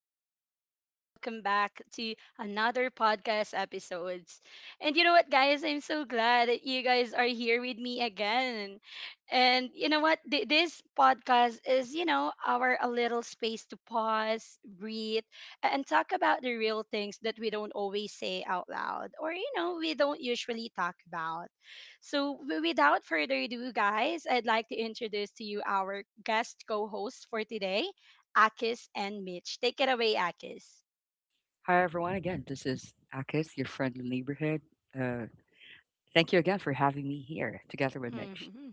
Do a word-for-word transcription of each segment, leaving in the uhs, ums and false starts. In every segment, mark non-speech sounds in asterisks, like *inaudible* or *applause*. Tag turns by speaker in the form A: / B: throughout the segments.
A: people, and welcome back to another podcast episodes. And you know what, guys? I'm so glad that you guys are here with me again. And you know what? Th- this podcast is, you know, our a little space to pause, breathe, a- and talk about the real things that we don't always say out loud, or you know, we don't usually talk about. So, w- without further ado, guys, I'd like to introduce to you our guest co hosts for today, Akis and Mitch. Take it away, Akis.
B: Hi, everyone. Again, this is Akis, your friendly neighborhood. Uh, Thank you again for having me here together with Mitch.
A: Hmm.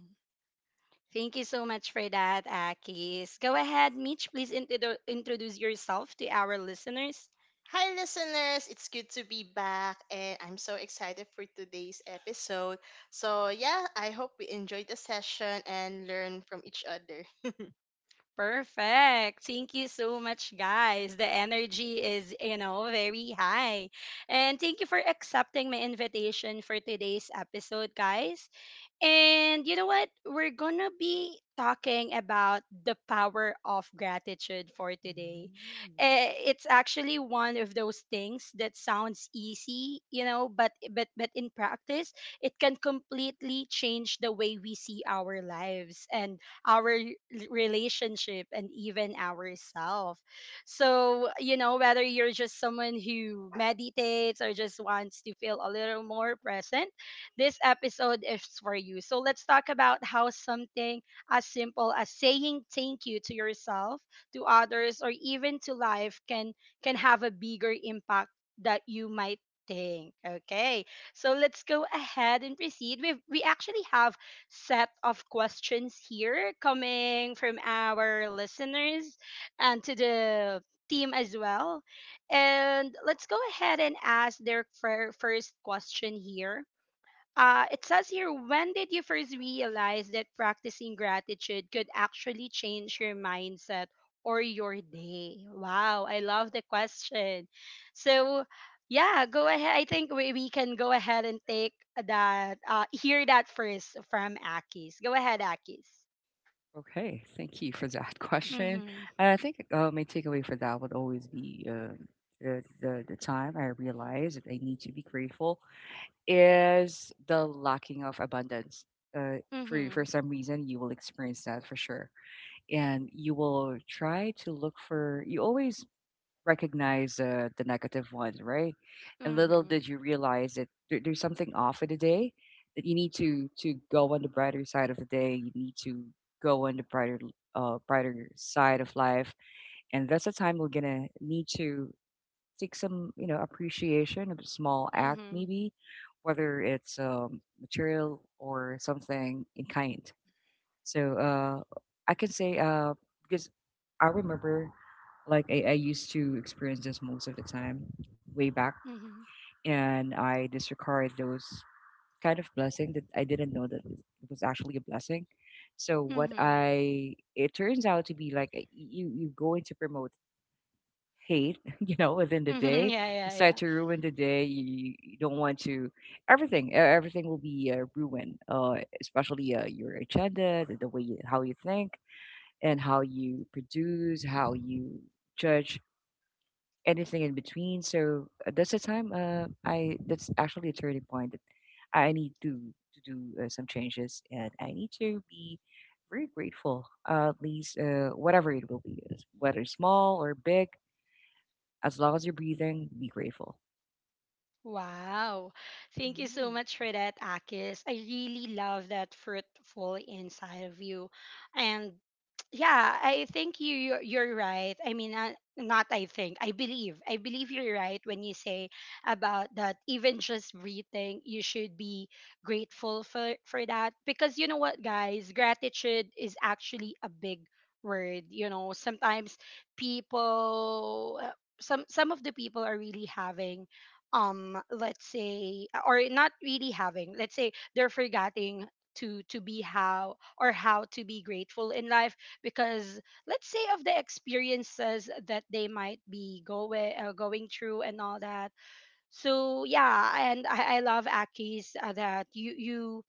A: Thank you so much for that, Akis. Go ahead, Mitch, please introdu- introduce yourself to our listeners.
C: Hi, listeners. It's good to be back, and I'm so excited for today's episode. So, yeah, I hope we enjoyed the session and learn from each other.
A: Perfect. Thank you so much, guys. The energy is, you know, very high. And thank you for accepting my invitation for today's episode, guys. And you know what? We're going to be talking about the power of gratitude for today.
C: Mm,
A: Eh, It's actually one of those things that sounds easy, you know, but but but in practice, it can completely change the way we see our lives and our l- relationship and even ourselves. So, you know, whether you're just someone who meditates or just wants to feel a little more present, this episode is for you. So let's talk about how something as simple as saying thank you to yourself, to others, or even to life can can have a bigger impact that you might think. Okay. So let's go ahead and proceed. We we actually have set of questions here coming from our listeners and to the team as well. And let's go ahead and ask their fir- first question here. Uh, it says here, when did you first realize that practicing gratitude could actually change your mindset or your day? Wow, I love the question. So, yeah, go ahead. I think we, we can go ahead and take that, uh, hear that first from Akis. Go ahead, Akis.
B: Okay, thank you for that *laughs* question.
A: Mm-hmm.
B: I think uh, my takeaway for that would always be um, the, the, the time I realized that I need to be grateful is the lacking of abundance. Uh, for, for
A: Mm-hmm.
B: some reason, you will experience that for sure. And you will try to look for, you always recognize uh, the negative one, right? And little
A: Mm-hmm.
B: did you realize that there, there's something off of the day that you need to to go on the brighter side of the day. You need to go on the brighter uh, brighter side of life, and that's the time we're gonna need to take some you know appreciation of a small act,
A: Mm-hmm.
B: maybe whether it's um, material or something in kind. So uh, I can say uh, because I remember like I, I used to experience this most of the time way back,
A: Mm-hmm.
B: and I disregard those kind of blessing that I didn't know that it was actually a blessing. So what
A: Mm-hmm.
B: I it turns out to be like uh, you you go in to promote hate, *laughs* you know, within the
A: Mm-hmm. *laughs*
B: day,
A: Yeah,
B: you
A: yeah.
B: start to ruin the day. You, you don't want to everything e- everything will be uh, ruined, uh, especially uh, your agenda, the, the way you, how you think, and how you produce, how you judge anything in between. So uh, that's the time. Uh, I that's actually a turning point that I need to to do uh, some changes, and I need to be very grateful. Uh, at least uh, whatever it will be, it's- whether small or big, as long as you're breathing, be grateful.
A: Wow. Thank you so
C: mm,
A: much for that, Akis. I really love that fruitful inside of you. And yeah, I think you you're, you're right. I mean, uh, not I think. I believe. I believe You're right when you say about that even just breathing, you should be grateful for for that, because you know what, guys, gratitude is actually a big word. You know, sometimes people, uh, some some of the people are really having, um let's say, or not really having, let's say, they're forgetting to to be how or how to be grateful in life, because, let's say, of the experiences that they might be going uh, going through and all that. So yeah. And i, I love aki's uh, that you you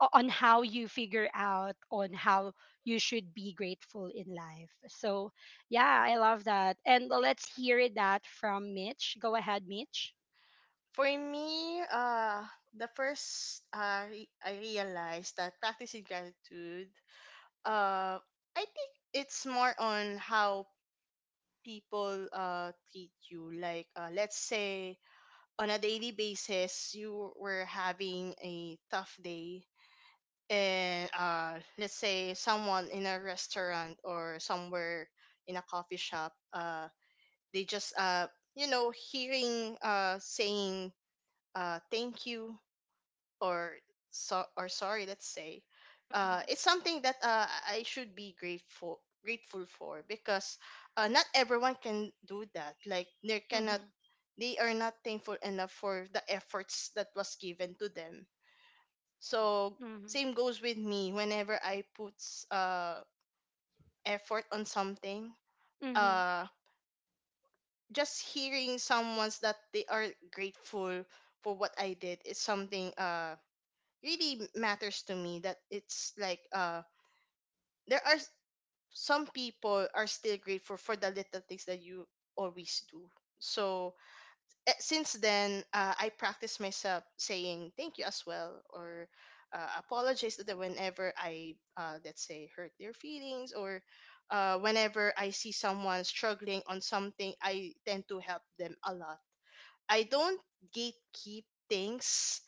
A: o- on how you figure out on how you should be grateful in life. So yeah, I love that. And let's hear that from mitch. Go ahead, mitch.
C: For me, uh, the first uh, re- I realized that practicing gratitude, uh, I think it's more on how people uh, treat you. Like, uh, let's say on a daily basis, you were having a tough day and uh, let's say someone in a restaurant or somewhere in a coffee shop, uh, they just uh, you know hearing uh, saying uh, thank you or so or sorry, let's say, uh, it's something that uh, I should be grateful grateful for because uh, not everyone can do that. Like they cannot,
A: Mhm.
C: they are not thankful enough for the efforts that was given to them, so
A: Mhm.
C: same goes with me. Whenever I put s- uh effort on something,
A: Mhm.
C: uh just hearing someone's that they are grateful for what I did is something uh really m- matters to me. That it's like uh there are s- some people are still grateful for the little things that you always do. So eh, since then, uh, I practice myself saying thank you as well, or uh, apologize that whenever I, uh, let's say, hurt their feelings, or uh, whenever I see someone struggling on something, I tend to help them a lot. I don't gatekeep things,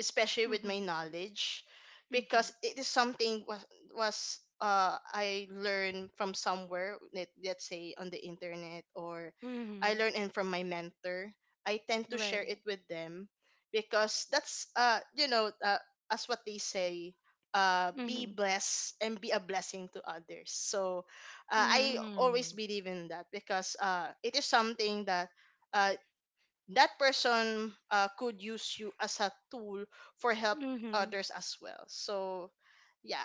C: especially with my
A: Mhm.
C: knowledge,
A: Mhm.
C: because it is something was was uh I learned from somewhere, let, let's say on the internet, or I
A: Mhm.
C: learned and from my mentor. I tend to share
A: Right.
C: it with them because that's uh you know uh, as what they say, uh be
A: Mhm.
C: blessed and be a blessing to others. So uh, I always
A: Mhm.
C: believe in that because uh it is something that uh, that person uh, could use you as a tool for help
A: Mhm.
C: others as well. So yeah,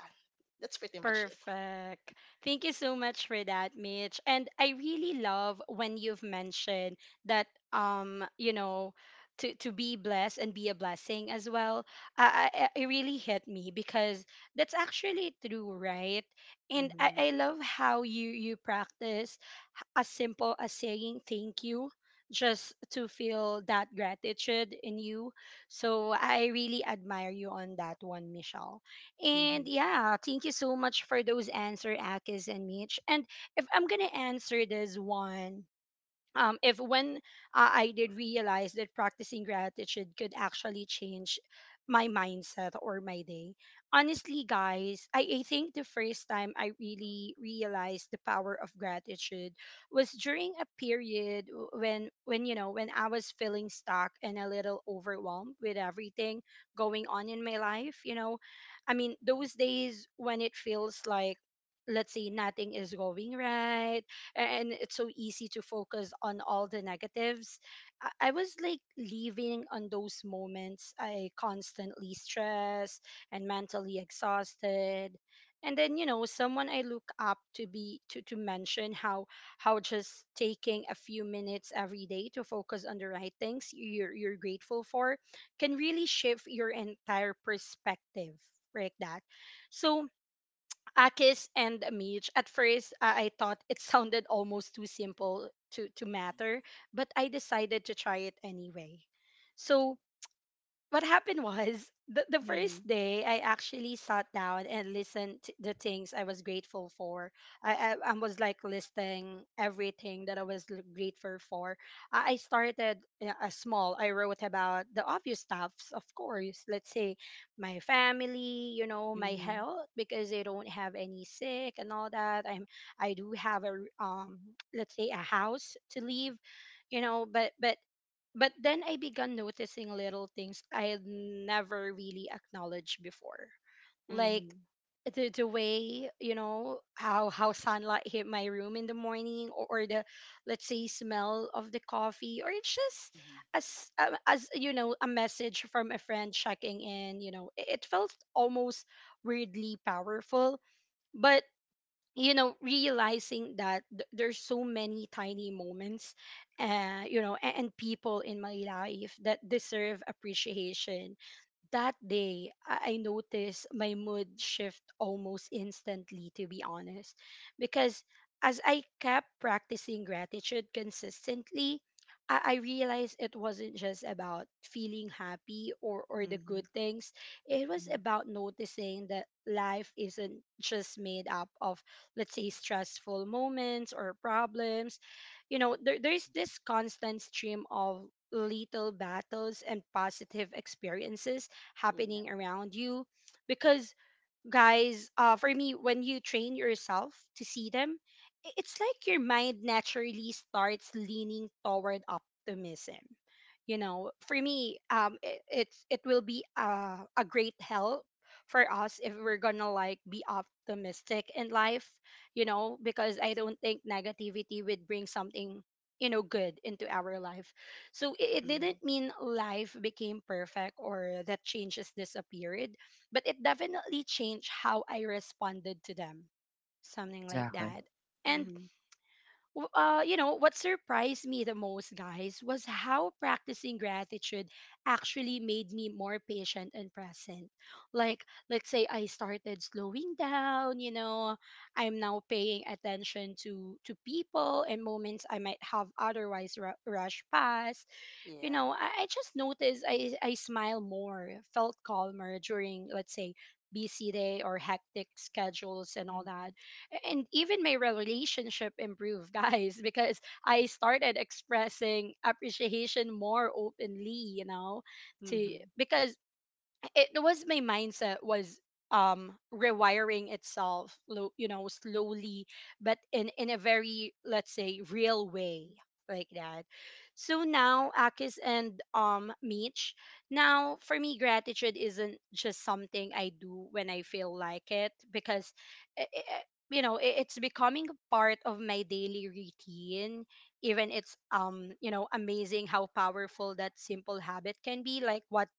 C: that's pretty much it.
A: Perfect. Thank you so much for that, Mitch. And I really love when you've mentioned that um, you know, to to be blessed and be a blessing as well. I, I I- it really hit me because that's actually true, right? And I,
C: Mm-hmm.
A: I love how you you practice h- as simple as saying thank you just to feel that gratitude in you. So I really admire you on that one, Michelle. And
C: Mm-hmm.
A: yeah, thank you so much for those answer, Akis and Mitch. And if I'm gonna answer this one, um, if when uh, I did realize that practicing gratitude could actually change my mindset or my day, honestly, guys, I, I think the first time I really realized the power of gratitude was during a period w- when, when you know, when I was feeling stuck and a little overwhelmed with everything going on in my life. You know, I mean, those days when it feels like, let's say, nothing is going right, and it's so easy to focus on all the negatives. I, I was like living on those moments. I constantly stressed and mentally exhausted. And then, you know someone I look up to be to, to mention how how just taking a few minutes every day to focus on the right things you're you're grateful for can really shift your entire perspective like that. So Akis and Mitch. At first, uh, I thought it sounded almost too simple to, to matter, but I decided to try it anyway. So what happened was the, the
C: Mm-hmm.
A: first day I actually sat down and listened to the things I was grateful for. I, I, I was like listing everything that I was l- grateful for. I, I started uh, a small. I wrote about the obvious stuffs, of course. Let's say my family, you know, my
C: Mm-hmm.
A: health, because I don't have any sick and all that. I'm I do have a r- um let's say a house to leave, you know, but but but then I began noticing little things I had never really acknowledged before. Like
C: Mm-hmm.
A: the, the way, you know, how how sunlight hit my room in the morning, or, or, the, let's say, smell of the coffee, or it's just
B: Hmm
A: as uh, as you know a message from a friend checking in, you know. It, it felt almost weirdly powerful, but, you know realizing that th- there's so many tiny moments uh you know a- and, people in my life that deserve appreciation. That day, I I noticed my mood shift almost instantly, to be honest, because as I kept practicing gratitude consistently, I, I realized it wasn't just about feeling happy, or, or the
C: Mm-hmm.
A: good things. It was about noticing that life isn't just made up of, let's say, stressful moments or problems. You know, there, there's this constant stream of little battles and positive experiences happening around you, because, guys, uh for me, when you train yourself to see them, i- it's like your mind naturally starts leaning toward optimism. You know, for me, um it, it's it will be a, a great help for us if we're gonna like be optimistic in life, you know because I don't think negativity would bring something you know good into our life. So it, it
C: Mm-hmm. Yeah. Mm-hmm.
A: didn't mean life became perfect or that changes disappeared, but it definitely changed how I responded to them, something like
B: Exactly.
A: that. And
C: Mm-hmm.
A: w- uh, you know what surprised me the most, guys, was how practicing gratitude actually made me more patient and present. Like, let's say, I started slowing down. You know, I'm now paying attention to to people and moments I might have otherwise ru- rushed past. you
C: Yeah.
A: know, I, I just noticed I, I smile more, felt calmer during, let's say, busy day or hectic schedules and all that.
C: Mm-hmm.
A: A- And even my relationship improved, *laughs* guys, because I started expressing appreciation more openly, you know, to
C: Mm-hmm.
A: because it was my mindset was um rewiring itself, lo- you know slowly, but in in a very, let's say, real way, like that. So now, Akis and um Meech, now for me, gratitude isn't just something I do when I feel like it, because i- i- i- you know i- it's becoming a part of my daily routine. Even it's um you know amazing how powerful that simple habit can be, like what,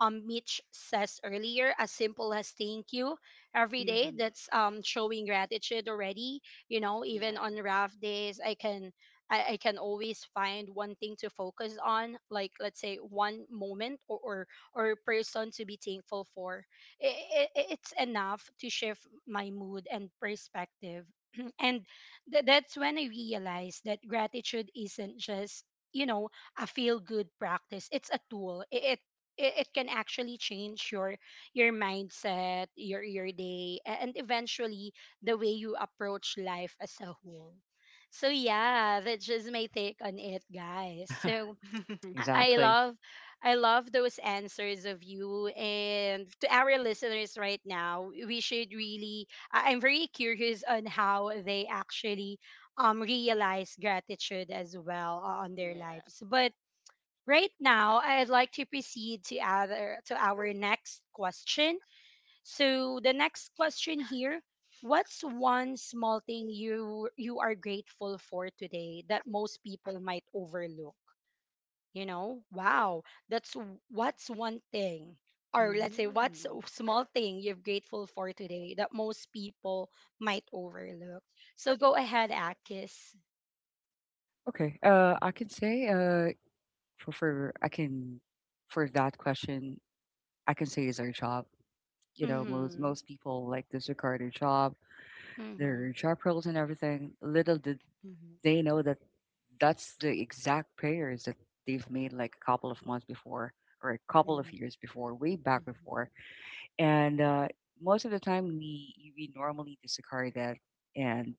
A: um, Mitch says earlier, as simple as thank you every day.
C: Mm-hmm.
A: That's um, showing gratitude already. You know, even
C: Yeah.
A: on rough days, I can I, I can always find one thing to focus on, like, let's say, one moment or or, or, person to be thankful for. It, it, it's enough to shift my mood and perspective. *clears throat* and th- that's when I realized that gratitude isn't just you know a feel good practice. It's a tool. It it, it can actually change your your mindset, your your day, a- and eventually the way you approach life as a whole. So yeah, that's just my take on it, guys.
B: *laughs*
A: So I
C: *laughs*
A: I
B: Exactly.
A: love I love those answers of you, and to our listeners right now, we should really I- I'm very curious on how they actually um realize gratitude as well o- on their
C: Yeah.
A: lives. But right now, I'd like to proceed to other to our next question. So the next question here, what's one small thing you you are grateful for today that most people might overlook? You know, wow, that's w- what's one thing, or, let's say, what's a
C: Mm-hmm.
A: small thing you're grateful for today that most people might overlook. So go ahead, Akis.
B: Okay. Uh, I can say uh for for I can for that question I can say is our job. You know, most
A: Mhm.
B: most people like disregard their job their
A: Mhm.
B: job roles and everything. Little did
C: Mm-hmm.
B: they know that that's the exact prayers that they've made like a couple of months before or a couple of
C: Mm-hmm.
B: years before, way back before. And uh, most of the time, we we normally discard that, and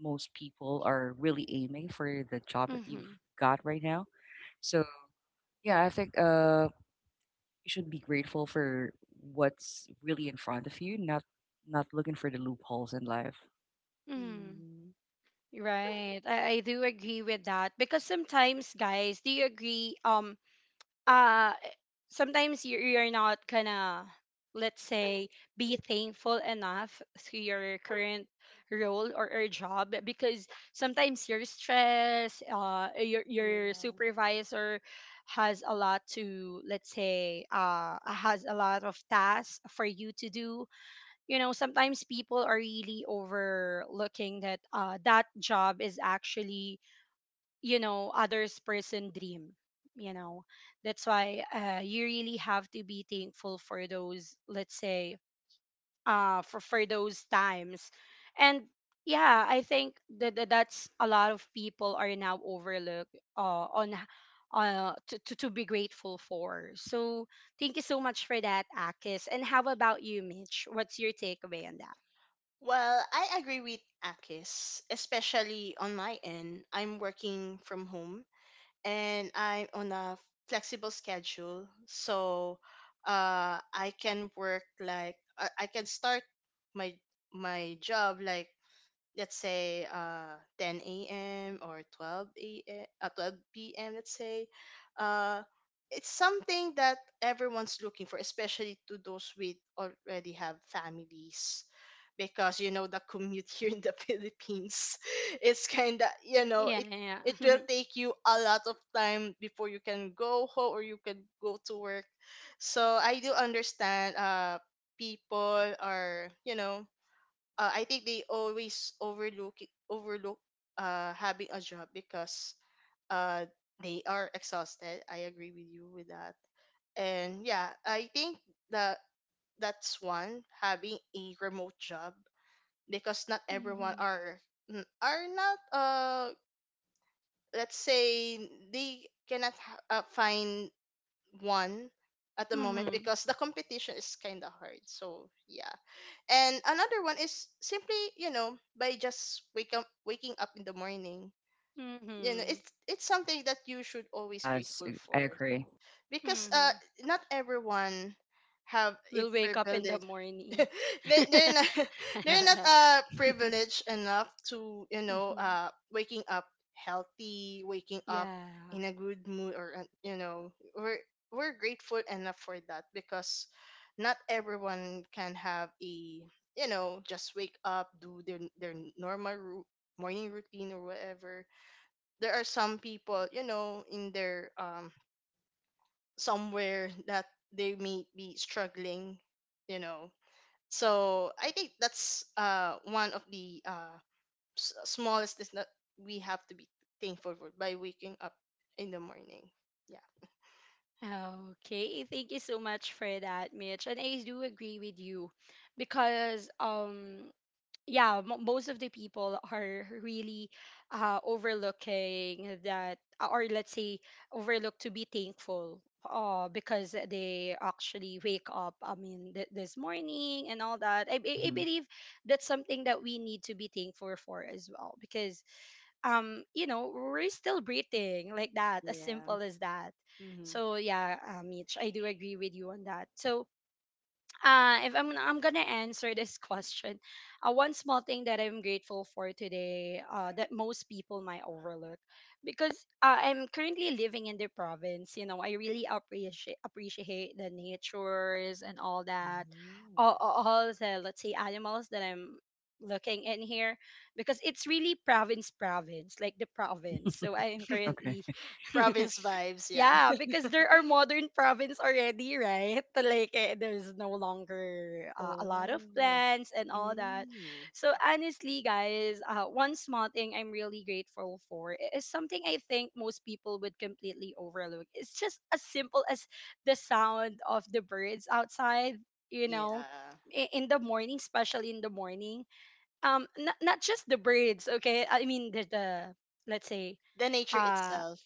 B: most people are really aiming for the job that you've
A: Mhm.
B: got right now. So yeah, I think uh, you should be grateful for what's really in front of you, not not looking for the loopholes in life.
A: Mhm.
C: Mm-hmm.
A: Right. I, I do agree with that. Because sometimes, guys, do you agree? um uh Sometimes you you're not gonna, let's say, be thankful enough to your current role, or, or job. Because sometimes your stress, uh your your
C: Yeah.
A: supervisor has a lot to, let's say, uh has a lot of tasks for you to do. You know, sometimes people are really overlooking that, uh, that job is actually, you know, others person dream. You know, that's why, uh, you really have to be thankful for those, let's say, uh for for those times. And yeah, I think that that- that's a lot of people are now overlooked uh on h- uh to, to to be grateful for. So thank you so much for that, Akis. And how about you, Mitch? What's your takeaway on that?
C: Well, I agree with Akis, especially on my end. I'm working from home and I'm on a flexible schedule. So uh, I can work like, I I can start my my job like, let's say, uh ten a m or twelve a m. Uh, twelve p m, let's say. uh it's something that everyone's looking for, especially to those with already have families, because you know the commute *laughs* here in the *laughs* Philippines, it's kind of, you know,
A: Yeah,
C: it
A: yeah.
C: it
A: *laughs*
C: will take you a lot of time before you can go home or you can go to work. So I do understand, uh people are, you know, uh, I think they always overlook it- overlook uh having a job because uh they are exhausted. I agree with you with that. And yeah, I think that that's one, having a remote job, because not everyone
A: Mm-hmm.
C: are n- are not, uh let's say, they cannot ha- uh, find one at the moment,
A: Mm-hmm.
C: because the competition is kind of hard. So yeah. And another one is simply, you know, by just wake up waking up in the morning. You know,
A: Mm-hmm.
C: it's it's something that you should always
B: Yes,
C: grateful
B: I I
C: for,
B: agree.
C: because uh
A: Mm-hmm.
C: not everyone have a
A: We'll wake up in the
C: privilege. *laughs*
A: morning.
C: They they're not
A: *laughs*
C: *laughs* they're not
A: Yeah.
C: uh privileged enough to, you
A: *laughs*
C: know,
A: Mhm.
C: uh waking up healthy, waking up
A: Yeah.
C: in a good mood, or uh, you know, we're we're grateful enough for that, because not everyone can have a, you know, just wake up do their their normal ru- morning routine or whatever. There are some people, you know, in their um somewhere, that they may be struggling, you know. So I think that's uh one of the uh s- smallest things that we have to be thankful for, by waking up in the morning. Yeah.
A: Okay. Thank you so much for that, Mitch. And I do agree with you because um yeah, mo most of the people are really, uh, overlooking that, or let's say overlook to be thankful, uh, because they actually wake up, I mean, th- this morning and all that. I, I I
B: Mhm.
A: believe that's something that we need to be thankful for as well, because um you know, we're still breathing like that, as
C: Yeah.
A: simple as that.
C: Mm-hmm.
A: So yeah, um, Mitch, I do agree with you on that. So uh, if I'm I'm gonna answer this *laughs* question, uh, one small thing that I'm grateful for today, uh, that most people might overlook. Because uh, I'm currently living in the province. You know, I really appreciate appreciate the natures and all that,
C: Mm.
A: all, all all the, let's say, animals that I'm looking in here, because it's really province province like the province. So I am
B: Okay.
A: currently.
B: *laughs*
C: *laughs*
A: *laughs*
C: Province vibes. Yeah.
A: Yeah,
C: *laughs*
A: because there are modern province already, right? *laughs* Like eh, there's no longer uh, a lot of
C: Oh.
A: plants and all that.
C: Mm.
A: So honestly, guys, uh, one small thing I'm really grateful for i- is something I think most people would completely overlook. It's just as simple as the sound of the birds outside, you know,
C: Yeah.
A: i- in the morning, especially in the morning. Um, not not just the birds, okay? I mean the the, let's say,
C: The nature
A: uh
C: itself.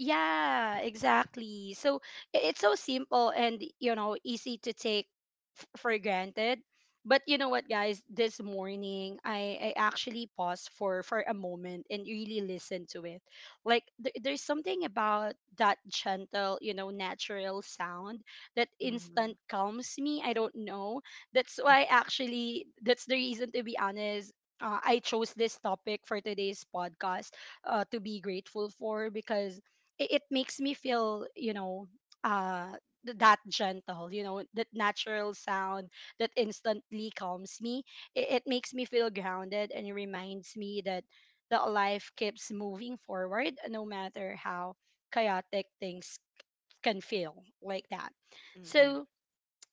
A: yeah, exactly. So i- it's so simple, and you know, easy to take f- for granted. But you know what, guys? This morning, I, I actually paused for, for a moment and really listened to it. Like, there, there's something about that gentle, you know, natural sound that
C: Mm-hmm.
A: instant calms me. I don't know. That's why,
C: *laughs*
A: actually, that's the reason, to be honest, uh, I chose this topic for today's podcast, uh, to be grateful for. Because it, it makes me feel, you know, uh, th- that gentle, you know, that natural sound that instantly calms me. It, it makes me feel grounded and reminds me that that life keeps moving forward no matter how chaotic things can feel like that.
C: Mm-hmm.
A: So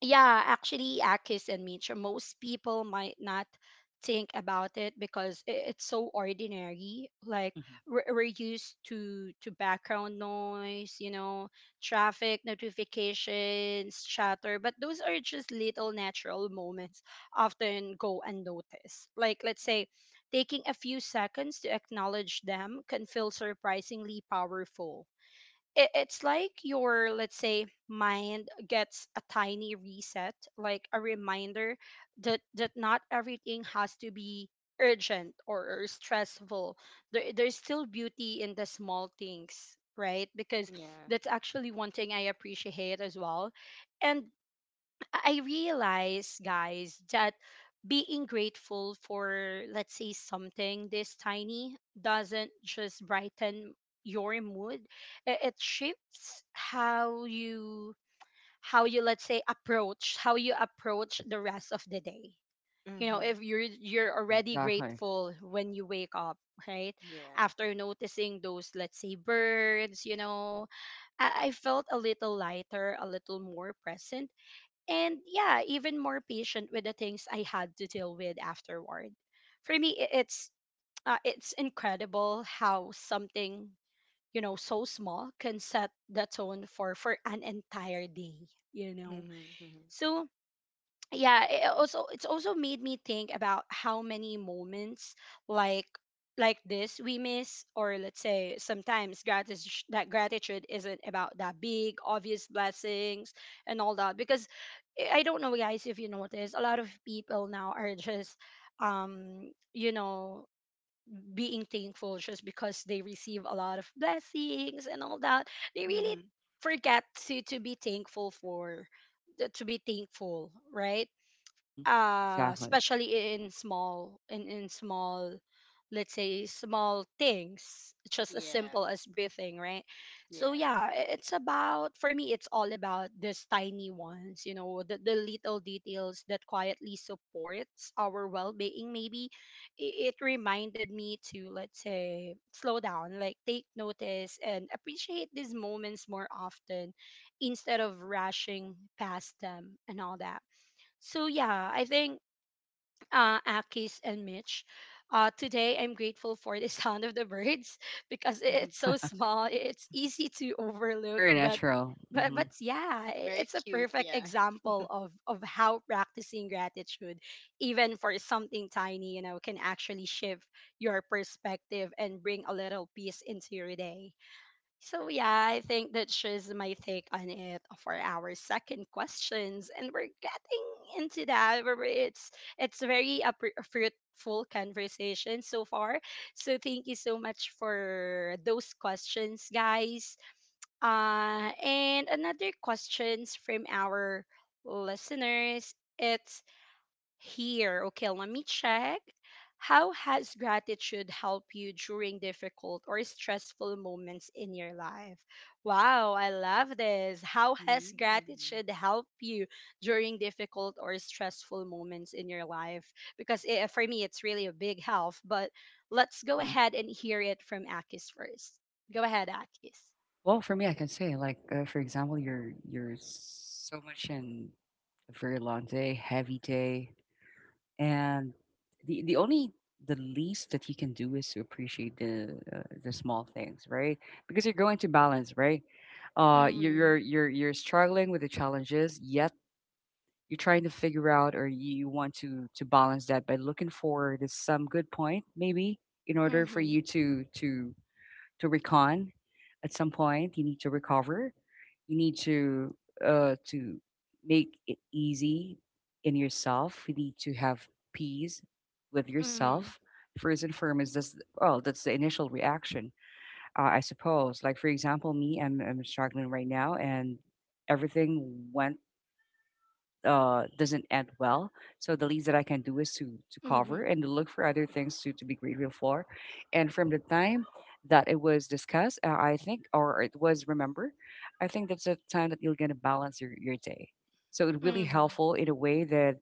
A: yeah, actually, Akis and Mitra, most people might not think about it because i- it's so ordinary. Like
B: Mhm.
A: we're, we're used to to background noise, you know, traffic, notifications, chatter, but those are just little natural moments often go unnoticed. Like, let's say, taking a few seconds to acknowledge them can feel surprisingly powerful. It, it's like your, let's say, mind gets a tiny reset, like a reminder that that not everything has to be urgent, or, or stressful. There, there's still beauty in the small things, right? Because
C: Yeah.
A: that's actually one thing I appreciate as well. And I I realize, guys, that being grateful for, let's say, something this tiny doesn't just brighten your mood. i- It shifts how you, how you, let's say, approach, how you approach the rest of the day. You know,
C: Mm-hmm.
A: if you're you're
B: Yeah,
A: already
B: exactly.
A: grateful when you wake up, right?
C: Yeah.
A: After noticing those, let's say, birds, you know, I, I felt a little lighter, a little more present, and yeah, even more patient with the things I had to deal with afterward. For me, i- it's uh, it's incredible how something, you know, so small can set the tone for for an entire day. You know,
C: Mm-hmm.
A: so yeah, it it also it's also made me think about how many moments like like this we miss. Or, let's say, sometimes gratitude, that gratitude isn't about that big obvious blessings and all that. Because i I don't know, guys, if you notice a lot of people now are just, um you know, being thankful just because they receive a lot of blessings and all that. They really
C: Mm-hmm.
A: forget to to be thankful for, to be thankful, right?
B: Mhm.
A: Uh
B: Exactly.
A: especially in small, in in small, let's say, small things, just as
C: Yeah.
A: simple as breathing, right? So
C: Yeah.
A: yeah, I- it's about for me, it's all about these tiny ones, you know, the, the little details that quietly supports our well-being. Maybe I- it reminded me to, let's say, slow down, like take notice and appreciate these moments more often, instead of rushing past them and all that. So yeah, I think, uh, Akis and Mitch. Uh, today I'm grateful for the *laughs* sound of the birds *laughs* because i- it's
C: *laughs*
A: so small. i- It's easy to overlook,
B: Very
A: but
B: natural.
A: but
B: Mhm.
A: but yeah, i-
C: Very
A: it's a
C: cute.
A: perfect
C: Yeah.
A: example
C: *laughs*
A: of of how practicing gratitude, even for something tiny, you know, can actually shift your perspective and bring a little peace into your day. So, yeah, I think that's just my take on it for our second questions. And we're getting into that. Where It's, it's very a pr- a fruitful conversation so far. So, thank you so much for those questions, guys. Uh, and another questions from our listeners. It's here. Okay, let me check. How has gratitude helped you during difficult or stressful moments in your life? Wow, I love this. How has
C: Mm.
A: gratitude helped you during difficult or stressful moments in your life? Because eh, for me, it's really a big help. But let's go
B: Mhm.
A: ahead and hear it from Akis first. Go ahead, Akis.
B: Well, for me, I can say, like, uh, for example, you're you're so much in a very long day, heavy day, and the the only the least that you can do is to appreciate the uh, the small things, right? Because you're going to balance, right? Uh, you're you're
A: Mm-hmm.
B: you're you're struggling with the challenges, yet you're trying to figure out or you want to to balance that by looking forward to some good point maybe in order for
A: Mm-hmm.
B: you to to to recon at some point you need to recover you need to uh to make it easy in yourself you need to have peace with
A: Mm-hmm.
B: yourself first and foremost that's well that's the initial reaction. uh, I suppose like for example me I'm, I'm struggling right now and everything went uh, doesn't end well. So the least that I can do is to to cover
A: Mm-hmm.
B: and to look for other things to to be grateful for. And from the time that it was discussed, uh, I think, or it was remembered, I think that's the time that you're gonna balance your your day. So it's really
A: Mm-hmm.
B: helpful in a way that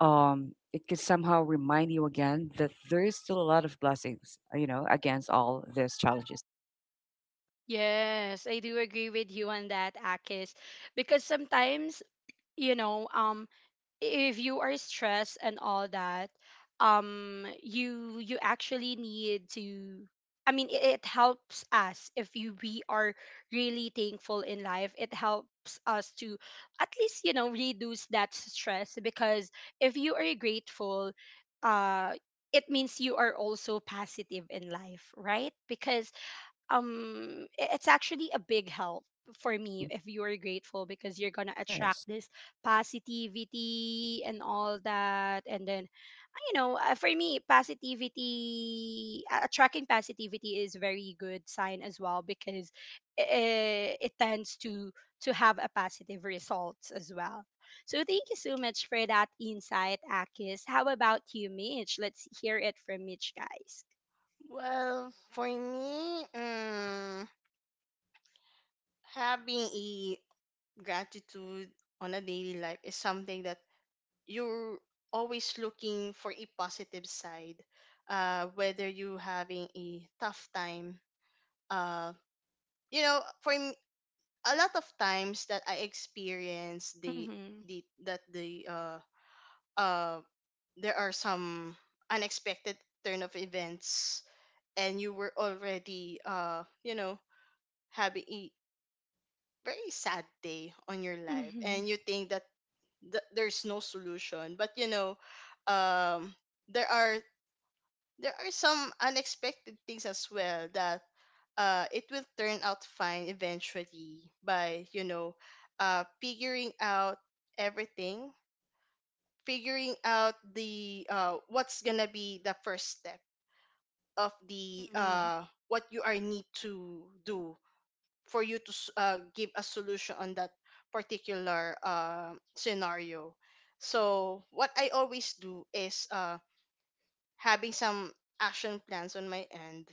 B: um it could somehow remind you again that there is still a lot of blessings, uh, you know, against all these challenges.
A: Yes, I do agree with you on that, Akis. Because sometimes, you know, um, if you are stressed and all that, um, you you actually need to. I mean, it, it helps us if you we are really thankful in life. It helps us to at least, you know, reduce that stress. Because if you are grateful, uh, it means you are also positive in life, right? Because um i- it's actually a big help for me
B: Mhm.
A: if you're grateful, because you're gonna attract
B: Yes,
A: this positivity and all that. And then, you know, uh, for me, positivity, uh, attracting positivity is very good sign as well. Because it, it tends to to have a positive results as well. So thank you so much for that insight, Akis. How about you, Mitch? Let's hear it from Mitch, guys.
C: Well, for me, mm, having a gratitude on a daily life is something that you're always looking for a positive side. Uh, whether you having a tough time, uh, you know, for me, a lot of times that I experience the
A: Mm-hmm.
C: the that the uh uh there are some unexpected turn of events, and you were already, uh you know, having very sad day on your life,
A: Mm-hmm.
C: and you think that th- there's no solution, but you know, um there are there are some unexpected things as well that uh it will turn out fine eventually, by, you know, uh figuring out everything, figuring out the, uh what's gonna be the first step of the,
A: Mm-hmm.
C: uh what you are need to do for you to s- uh, give a solution on that particular uh, scenario. So what I always do is, uh, having some action plans on my end,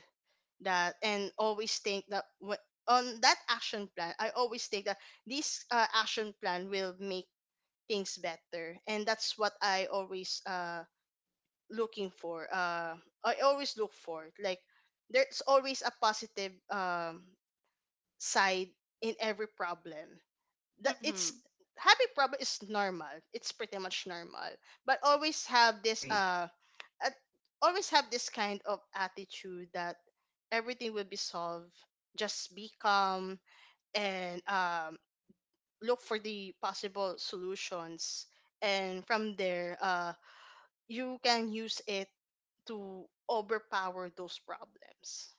C: that and always think that, what on that action plan I always think that this uh, action plan will make things better, and that's what I always uh looking for, uh I always look for it. Like, there's always a positive um side in every problem, that
A: Mm-hmm.
C: it's, having problem is normal. It's pretty much normal. But always have this
B: agree,
C: uh, uh always have this kind of attitude that everything will be solved. Just be calm and, um look for the possible solutions, and from there, uh you can use it to overpower those problems.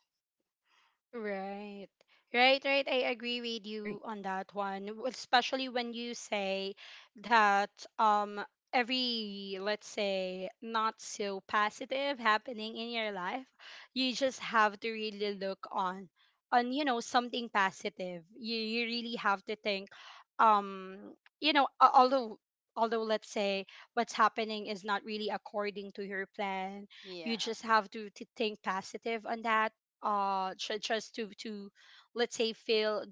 A: Right. Right, right. I agree with
B: agree.
A: you on that one, w- especially when you say that, um every, let's say, not so positive happening in your life, you just have to really look on, on you know, something positive. You you really have to think, um you know, a- although, although let's say, what's happening is not really according to your plan,
C: Yeah.
A: you just have to, to think positive on that. Uh tr- just to to, let's say, feel,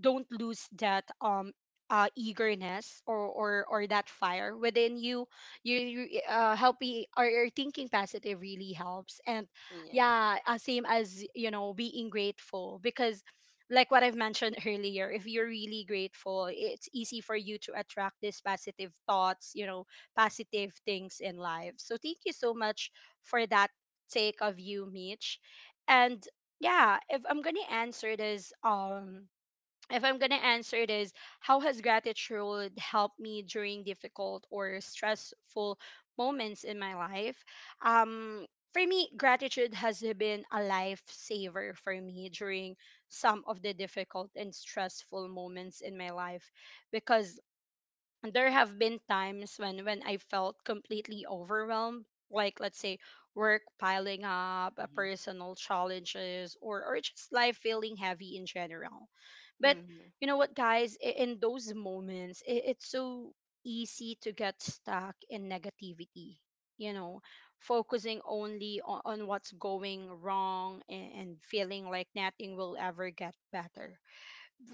A: don't lose that, um uh eagerness, or or or that fire within you. You, you uh helping or or thinking positive really helps. And
C: Yeah.
A: yeah, uh, same as, you know, being grateful. Because like what I've mentioned *laughs* earlier, if you're really grateful, it's easy for you to attract these positive thoughts, you know, positive things in life. So thank you so much for that take of you, Mitch. And yeah, if I'm gonna answer this um if I'm gonna answer this, how has gratitude helped me during difficult or stressful moments in my life? um for me, gratitude has been a lifesaver for me during some of the difficult and stressful moments in my life. Because there have been times when when I felt completely overwhelmed, like, let's say, work piling up, uh,
B: Hmm
A: personal challenges, or or just life feeling heavy in general. But
C: Mhm.
A: you know what, guys? I- In those moments, i- it's so easy to get stuck in negativity. You know, focusing only on, on what's going wrong, and, and feeling like nothing will ever get better.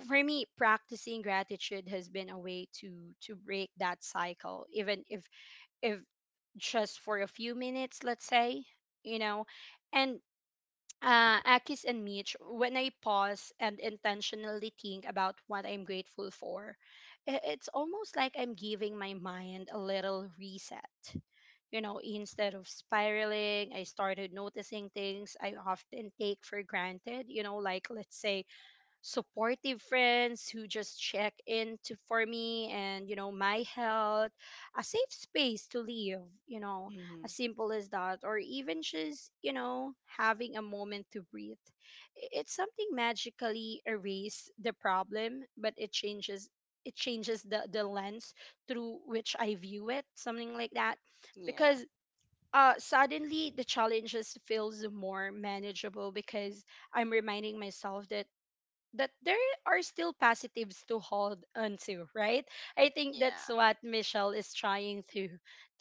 A: For me, practicing gratitude has been a way to to break that cycle, even if if just for a few minutes, let's say, you know. And
B: Yeah,
A: uh, Akis and Mitch, when I pause and intentionally think about what I'm grateful for, i- it's almost like I'm giving my mind a little reset. You know, instead of spiraling, I started noticing things I often take for granted, you know, like let's say supportive friends who just check in to for me, and you know my health, a safe space to live, you know,
C: Mhm.
A: as simple as that. Or even just, you know, having a moment to breathe. I- it's something magically erase the problem, but it changes, it changes the the lens through which I view it, something like that. Because
C: Yeah.
A: uh suddenly the challenges feels more manageable, because I'm reminding myself that, that there are still positives to hold onto, right? I think that's
C: Yeah.
A: what Michelle is trying to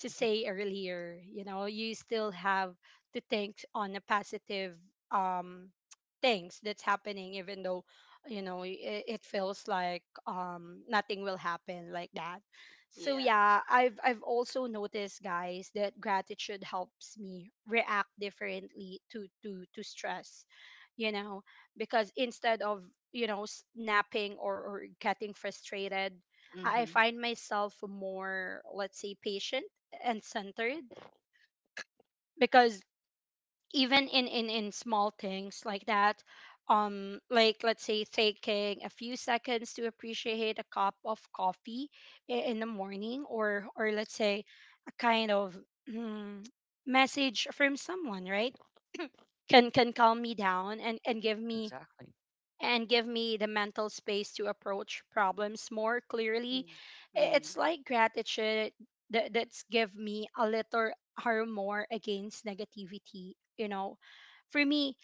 A: to say earlier. You know, you still have to think on the positive um things that's happening, even though you know it, it feels like um nothing will happen like that. So
C: Yeah.
A: yeah, I've I've also noticed, guys, that gratitude helps me react differently to to to stress, you know, because instead of, you know, snapping or, or getting frustrated, I
C: Mhm.
A: find myself more, let's say, patient and centered, because even in in in small things like that. Um like let's say taking a few seconds to appreciate a cup of coffee i- in the morning, or or let's say a kind of mm, message from someone, right? can can calm me down and and give
B: yeah,
A: me
B: exactly.
A: and give me the mental space to approach problems more clearly.
C: Yeah.
A: I-
C: Mm.
A: It's like gratitude, that that's give me a little armor against negativity, you know. For me,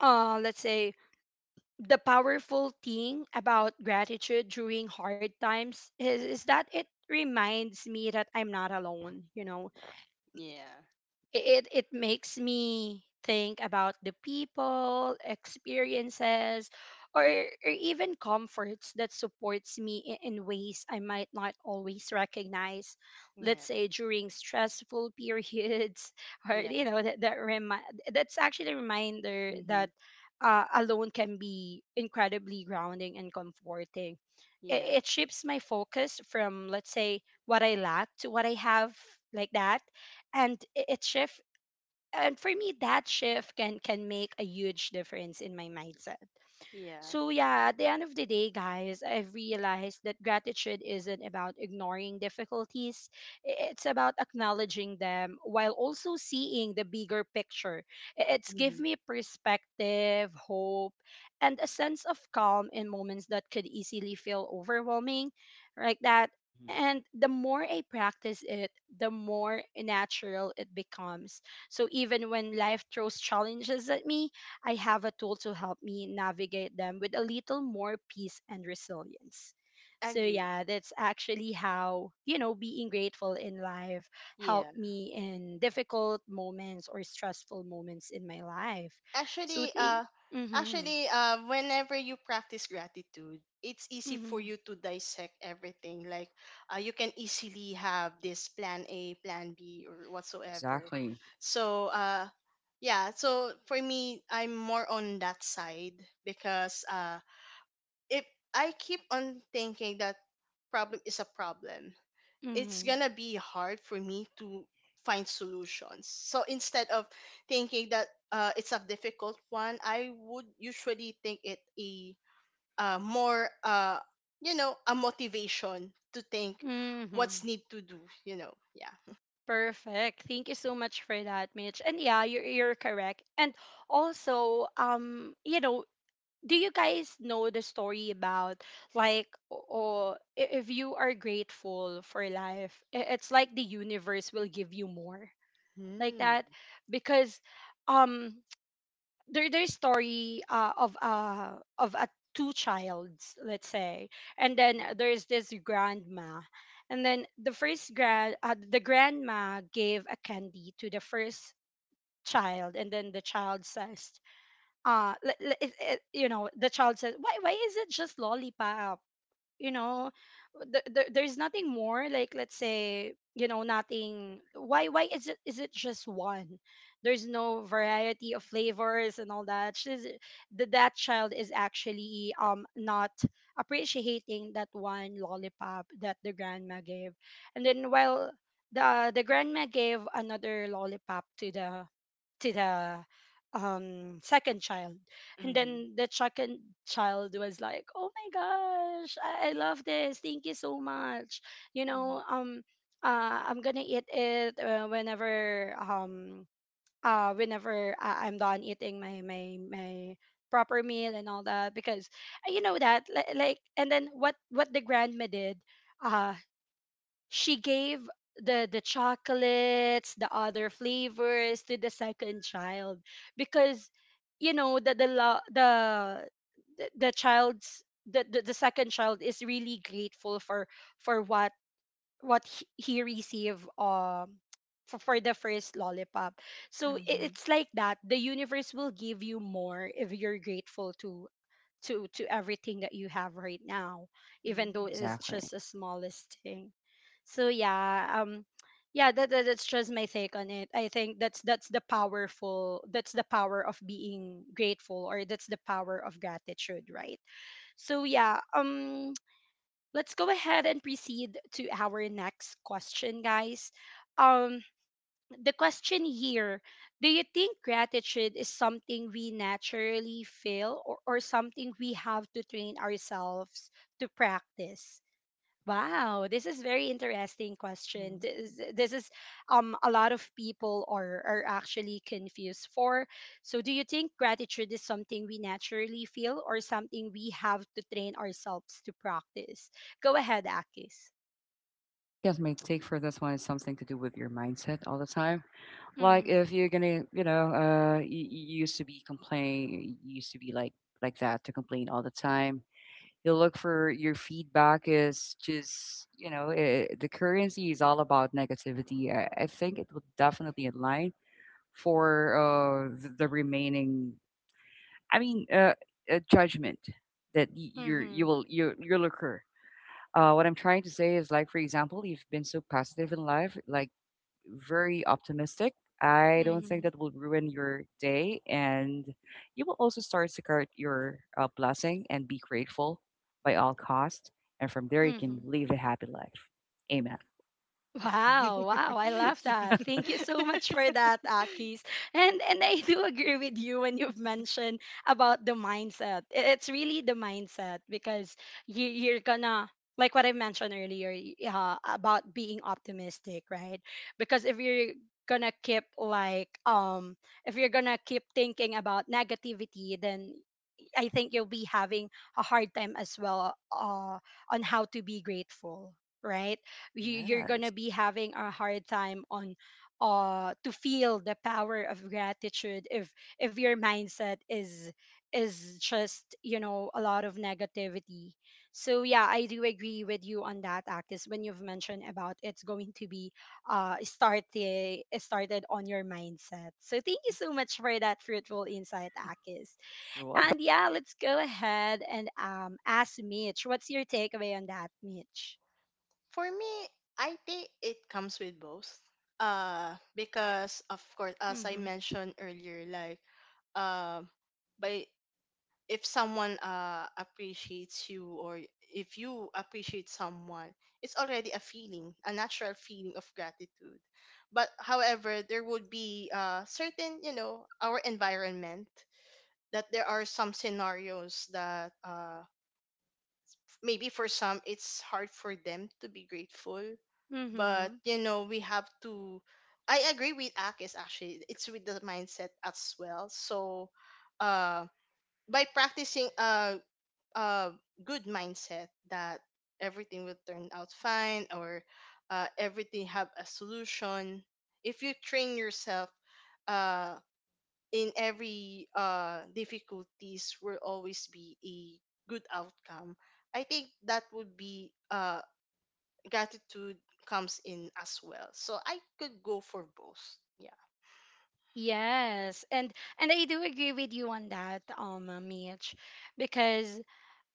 A: uh let's say the powerful thing about gratitude during hard times is, is that it reminds me that I'm not alone, you know.
C: Yeah.
A: it it makes me think about the people, experiences, or, or even comforts that supports me in, in ways I might not always recognize. Let's
C: Yeah.
A: say during stressful periods, *laughs* or you
C: Yeah.
A: know that that remi- that's actually a reminder
C: Mhm.
A: that, uh, alone can be incredibly grounding and comforting.
C: Yeah.
A: It, it shifts my focus from, let's say, what I lack to what I have, like that. And i- it shifts, and for me that shift can can make a huge difference in my mindset.
C: Yeah.
A: So, yeah, at the end of the day, guys, I've realized that gratitude isn't about ignoring difficulties, i- it's about acknowledging them while also seeing the bigger picture. I- It's give
C: Mhm.
A: me perspective, hope, and a sense of calm in moments that could easily feel overwhelming, like that.
B: hmm
A: And the more I practice it, the more natural it becomes. So even when life throws challenges at me, I have a tool to help me navigate them with a little more peace and resilience. So
C: Agree.
A: yeah, that's actually how, you know, being grateful in life
C: Yeah.
A: helped me in difficult moments or stressful moments in my life. So
C: Actually,
A: thank
C: uh
A: mhm
C: actually uh whenever you practice gratitude, it's easy for
A: mhm
C: you to dissect everything. Like, uh, you can easily have this plan A, plan B, or whatsoever.
B: Exactly.
C: So, uh yeah, so for me, I'm more on that side, because uh if I keep on thinking that problem is a problem, it's
A: mhm
C: gonna be hard for me to find solutions. So instead of thinking that uh, it's a difficult one, I would usually think it a uh, more uh, you know, a motivation to think what's
A: mhm
C: need to do. You know, yeah.
A: perfect. Thank you so much for that, Mitch. And yeah, you're you're correct. And also um you know, do you guys know the story about, like, or if you are grateful for life, i- it's like the universe will give you more, like
C: Mm.
A: that. Because um there, there's story uh, of uh of a two childs, let's say, and then there's this grandma. And then the first grand uh, the grandma gave a candy to the first child, and then the child says, uh li- li- it, it, you know, the child says, why why is it just lollipop, you know, th- th- there's nothing more, like let's say, you know, nothing. Why, why is it is it just one? There's no variety of flavors and all that. She's the, that child is actually um not appreciating that one lollipop that the grandma gave. And then while the the grandma gave another lollipop to the, to the um second child. And
C: Mm-hmm.
A: then the second child was like, oh my gosh, I, I love this, thank you so much, you know. um uh I'm gonna eat it uh, whenever um uh whenever I, I'm done eating my my my proper meal and all that. Because uh, you know that li- like. And then what what the grandma did, uh she gave the the chocolates, the other flavors to the second child, because you know that the the lo- the the the child's the, the the second child is really grateful for for what what he, he received, um for, for the first lollipop. So it, it's like that. The universe will give you more if you're grateful to to to everything that you have right now, even though it is
B: Exactly.
A: just the smallest thing. So yeah, um yeah that, that that's just my take on it. I think that's that's the powerful, that's the power of being grateful, or that's the power of gratitude, right? So yeah, um let's go ahead and proceed to our next question, guys. um the question here: do you think gratitude is something we naturally feel, or, or something we have to train ourselves to practice? Wow, this is very interesting question.
C: Mm-hmm.
A: this, this is um a lot of people are are actually confused for. So do you think gratitude is something we naturally feel, or something we have to train ourselves to practice? Go ahead, Akis.
B: Well, I guess my take for this one is something to do with your mindset all the time. Like
A: mm-hmm,
B: if you're gonna, you know, uh, you, you used to be complain, you used to be like like that to complain all the time. You look for your feedback is just, you know, eh, eh, the currency is all about negativity. I, I think it would definitely align for uh, the, the remaining. I mean, uh, uh judgment that y- you're you
A: mm-hmm,
B: will you you'll occur. Uh, what I'm trying to say is, like, for example, you've been so positive in life, like, very optimistic. I don't think that will ruin your day. And you will also start to count your uh, blessing and be grateful by all cost. And from there, you can
A: mm-hmm,
B: live a happy life. Amen.
A: Wow, wow, I
C: *laughs*
A: love that. Thank you so much for that, Akis. And and I do *laughs* agree with you when you've mentioned about the mindset. I- It's really the mindset, because you you're gonna, like what I mentioned earlier, y- uh, about being optimistic, right? Because if you're gonna keep, like, um if you're gonna keep thinking about negativity, then I think you'll be having a hard time as well, uh, on how to be grateful, right? You, you're gonna
B: Yes.
A: be having a hard time on uh to feel the power of gratitude if if your mindset is is just, you know, a lot of negativity. So yeah, I do agree with you on that, actis, when you've mentioned about it's going to be uh started started on your mindset. So thank
B: Mhm.
A: you so much for that fruitful insight, Akis.
B: You're welcome.
A: And yeah, let's go ahead and um, ask Mitch. What's your takeaway on that, Mitch?
C: For me, I think it comes with both. Uh, because of course, as I
A: Mm-hmm.
C: mentioned earlier, like, um, by, if someone uh appreciates you, or if you appreciate someone, it's already a feeling, a natural feeling of gratitude. But however, there would be uh certain, you know, our environment, that there are some scenarios that uh maybe for some it's hard for them to be grateful. But
A: Mm-hmm.
C: you know, we have to, I agree with Akis, actually, it's with the mindset as well. So uh by practicing uh uh, good mindset, that everything will turn out fine, or uh, everything have a solution. If you train yourself uh, in every uh, difficulties, will always be a good outcome. I think that would be uh, gratitude comes in as well. So I could go for both, yeah.
A: Yes, and and I do agree with you on that, um, uh, Mitch, because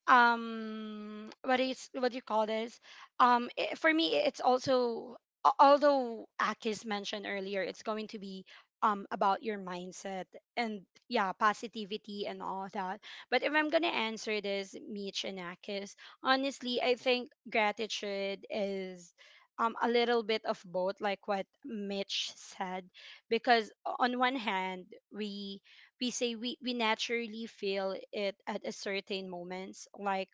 A: um what is, what do you call this, um I, for me, it's also, al- although Akis mentioned earlier it's going to be um about your mindset and yeah, positivity and all that. But if I'm gonna answer this, Mitch and Akis, honestly I think gratitude is, um, a little bit of both, like what Mitch said. Because on one hand, we we say we, we naturally feel it at a certain moments, like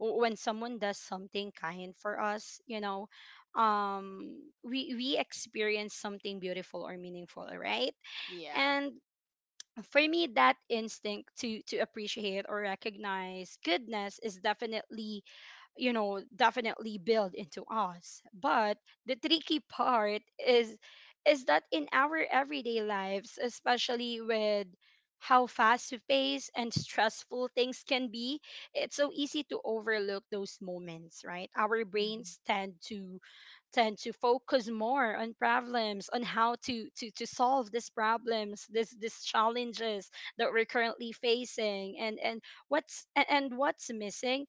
A: w- when someone does something kind for us, you know, um we we experience something beautiful or meaningful, right?
C: Yeah.
A: And for me, that instinct to to appreciate or recognize goodness is definitely, you know, definitely build into us. But the tricky part is is that in our everyday lives, especially with how fast paced and stressful things can be, it's so easy to overlook those moments, right? Our
C: Mm-hmm.
A: brains tend to, tend to focus more on problems, on how to to to solve these problems, this, these challenges that we're currently facing, and and what's, and, and what's missing,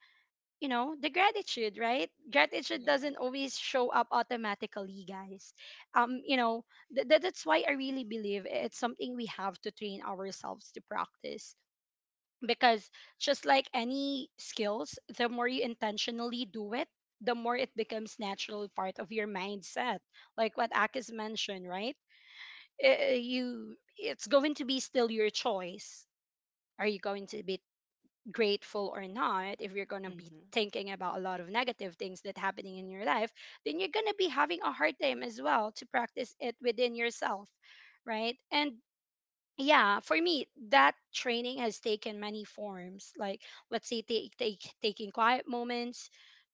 A: you know, the gratitude, right? Gratitude
C: Yeah.
A: doesn't always show up automatically, guys. Um you know, th- th- that's why I really believe it's something we have to train ourselves to practice, because just like any skills, the more you intentionally do it, the more it becomes natural part of your mindset, like what Akis mentioned, right? Uh, you, it's going to be still your choice. Are you going to be grateful or not? If you're gonna be
C: Hmm.
A: thinking about a lot of negative things that happening in your life, then you're gonna be having a hard time as well to practice it within yourself, right? And yeah, for me, that training has taken many forms, like let's say take, take, taking quiet moments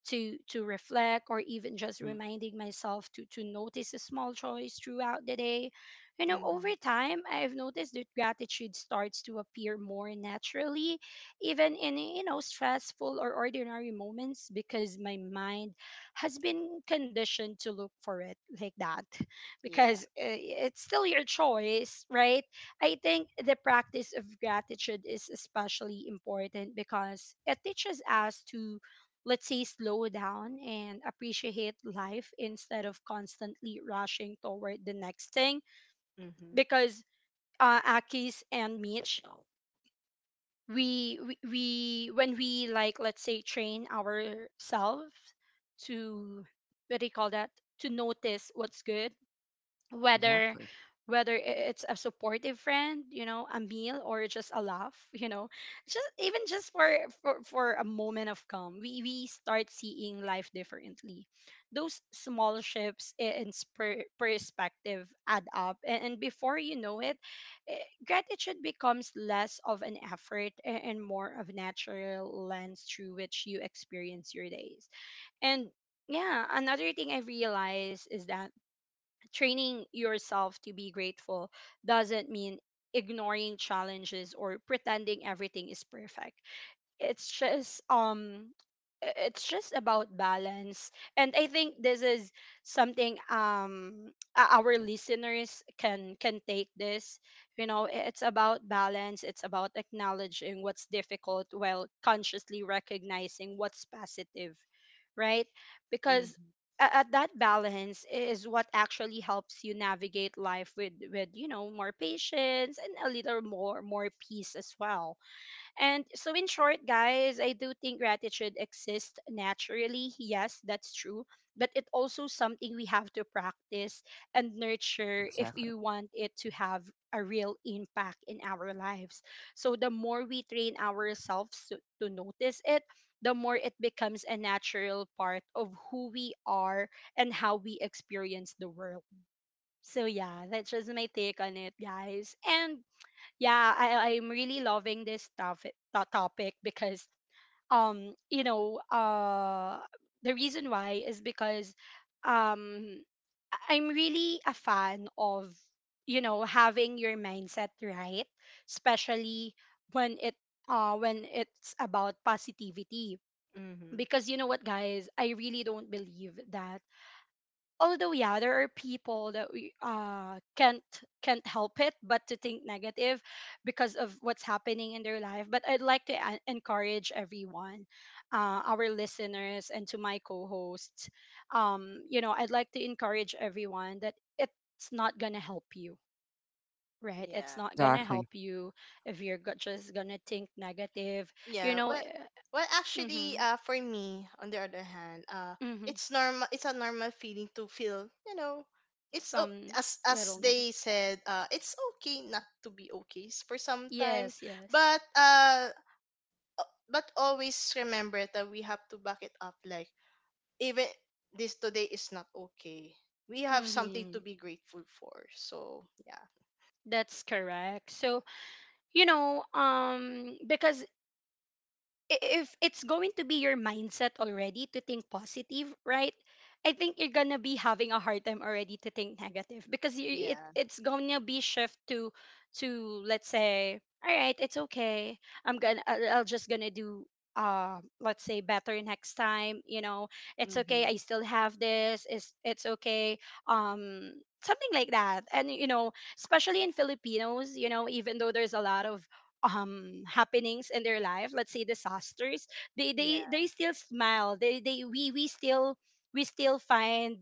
A: to to reflect, or even just
B: Hmm
A: reminding myself to to notice a small choice throughout the day. You know,
C: Hmm.
A: over time I've noticed that gratitude starts to appear more naturally, even in, you know, stressful or ordinary moments, because my mind has been conditioned to look for it, like that. *laughs* Because
C: Yeah.
A: uh, it's still your choice, right? I think the practice of gratitude is especially important because it teaches us to, let's say, slow down and appreciate life instead of constantly rushing toward the next thing.
C: Hmm.
A: Because uh, Akis and Mitch, we, we, we, when we, like, let's say, train ourselves to, what do you call that? To notice what's good, whether
B: Exactly.
A: whether i- it's a supportive friend, you know a meal, or just a laugh *laughs* you know just even just for for, for a moment of calm, we, we start seeing life differently. Those small shifts i- in spur- perspective add up, and, and before you know it, eh, gratitude becomes less of an effort a- and more of natural lens through which you experience your days. And yeah, another thing I realized is that training yourself to be grateful doesn't mean ignoring challenges or pretending everything is perfect. It's just um i- it's just about balance. And I think this is something, um o- our listeners can can take this. You know, i- it's about balance. It's about acknowledging what's difficult while consciously recognizing what's positive, right? Because
C: Hmm.
A: a- at that balance is what actually helps you navigate life with with you know, more patience and a little more more peace as well. And so, in short, guys, I do think gratitude exists naturally. Yes, that's true. But it's also something we have to practice and
B: Yeah,
A: nurture if
B: exactly.
A: you want it to have a real impact in our lives. So, the more we train ourselves to, to notice it, the more it becomes a natural part of who we are and how we experience the world. So, yeah, that's just my take on it, guys. And yeah, i i'm really loving this topic to- topic because, um you know, uh the reason why is because, um I- i'm really a fan of, you know, having your mindset right, especially when it, uh when it's about positivity.
C: Hmm.
A: Because you know what, guys? I really don't believe that, although yeah, there are people that we uh can't, can't help it but to think negative because of what's happening in their life. But I'd like to en- encourage everyone, uh, our listeners and to my co-hosts, um you know, I'd like to encourage everyone that it's not gonna help you, right? It's
C: Yeah.
A: not gonna
B: Exactly.
A: help you if you're go- just gonna think negative. You
C: Yeah,
A: know,
C: well,
A: eh,
C: well, actually,
A: mm-hmm,
C: uh, for me, on the other hand, uh,
A: mm-hmm,
C: it's normal. It's a normal feeling to feel, you know, it's o-
A: some
C: as as
A: little
C: they
A: negative.
C: said, uh, it's okay not to be okay s- for some time,
A: Yes, yes.
C: but uh, o- but always remember that we have to back it up. Like, even this today is not okay, we have something to
A: Mm-hmm.
C: be grateful for. So yeah.
A: That's correct. So, you know, um because, i- if it's going to be your mindset already to think positive, right? I think you're gonna be having a hard time already to think negative because you, it
C: Yeah.
A: it's gonna be shift to to, let's say, all right, it's okay. I'm gonna I'll, I'll just gonna do, uh let's say, better next time. You know, it's okay.
C: Mm-hmm.
A: I still have this. It's it's okay. Um, something like that. And you know, especially in Filipinos, you know, even though there's a lot of um happenings in their life, let's say disasters, they they
C: Yeah.
A: they still smile. They they we we still, we still find,
B: Yeah.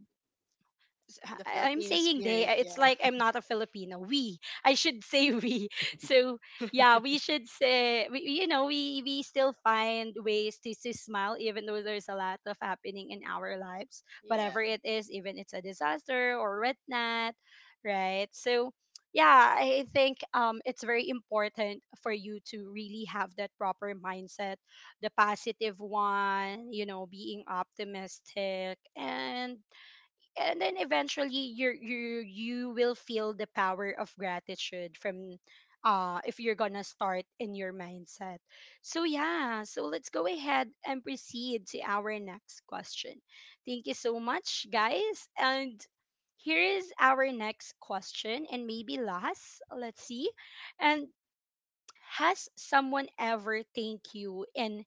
A: s- h-
C: The
A: I- I'm
C: Filipino
A: saying they.
C: spirit,
A: uh, It's
C: yeah.
A: like I'm not a Filipino. We. I should say we. *laughs*
B: *laughs*
A: So
C: *laughs*
A: yeah, we should say we. we- You know, we we still find ways to to smile even though there's a lot of happening in our lives, whatever it is, even it's a disaster or whatnot, right? So yeah, I think um it's very important for you to really have that proper mindset, the positive one. You know, being optimistic, and and then eventually you you you will feel the power of gratitude from, uh if you're gonna start in your mindset. So yeah, so let's go ahead and proceed to our next question. Thank you so much, guys. And here is our next question, and maybe last, let's see. And has someone ever thanked you in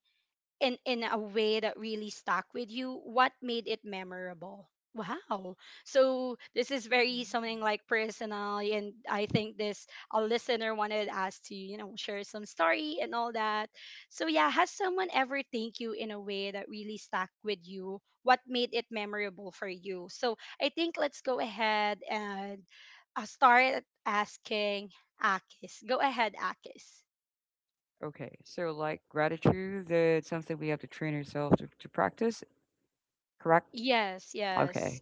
A: in in a way that really stuck with you? What made it memorable? Wow. So this is very
C: Yeah.
A: something like personal, and I think this, a listener wanted us to, you know, share some story and all that. So yeah, has someone ever thanked you in a way that really stuck with you? What made it memorable for you? So I think let's go ahead and, uh, start asking. Akis, go ahead, Akis.
B: Okay. So, like, gratitude, uh, it's something we have to train ourselves to, to practice, correct?
A: Yes, yes.
B: Okay.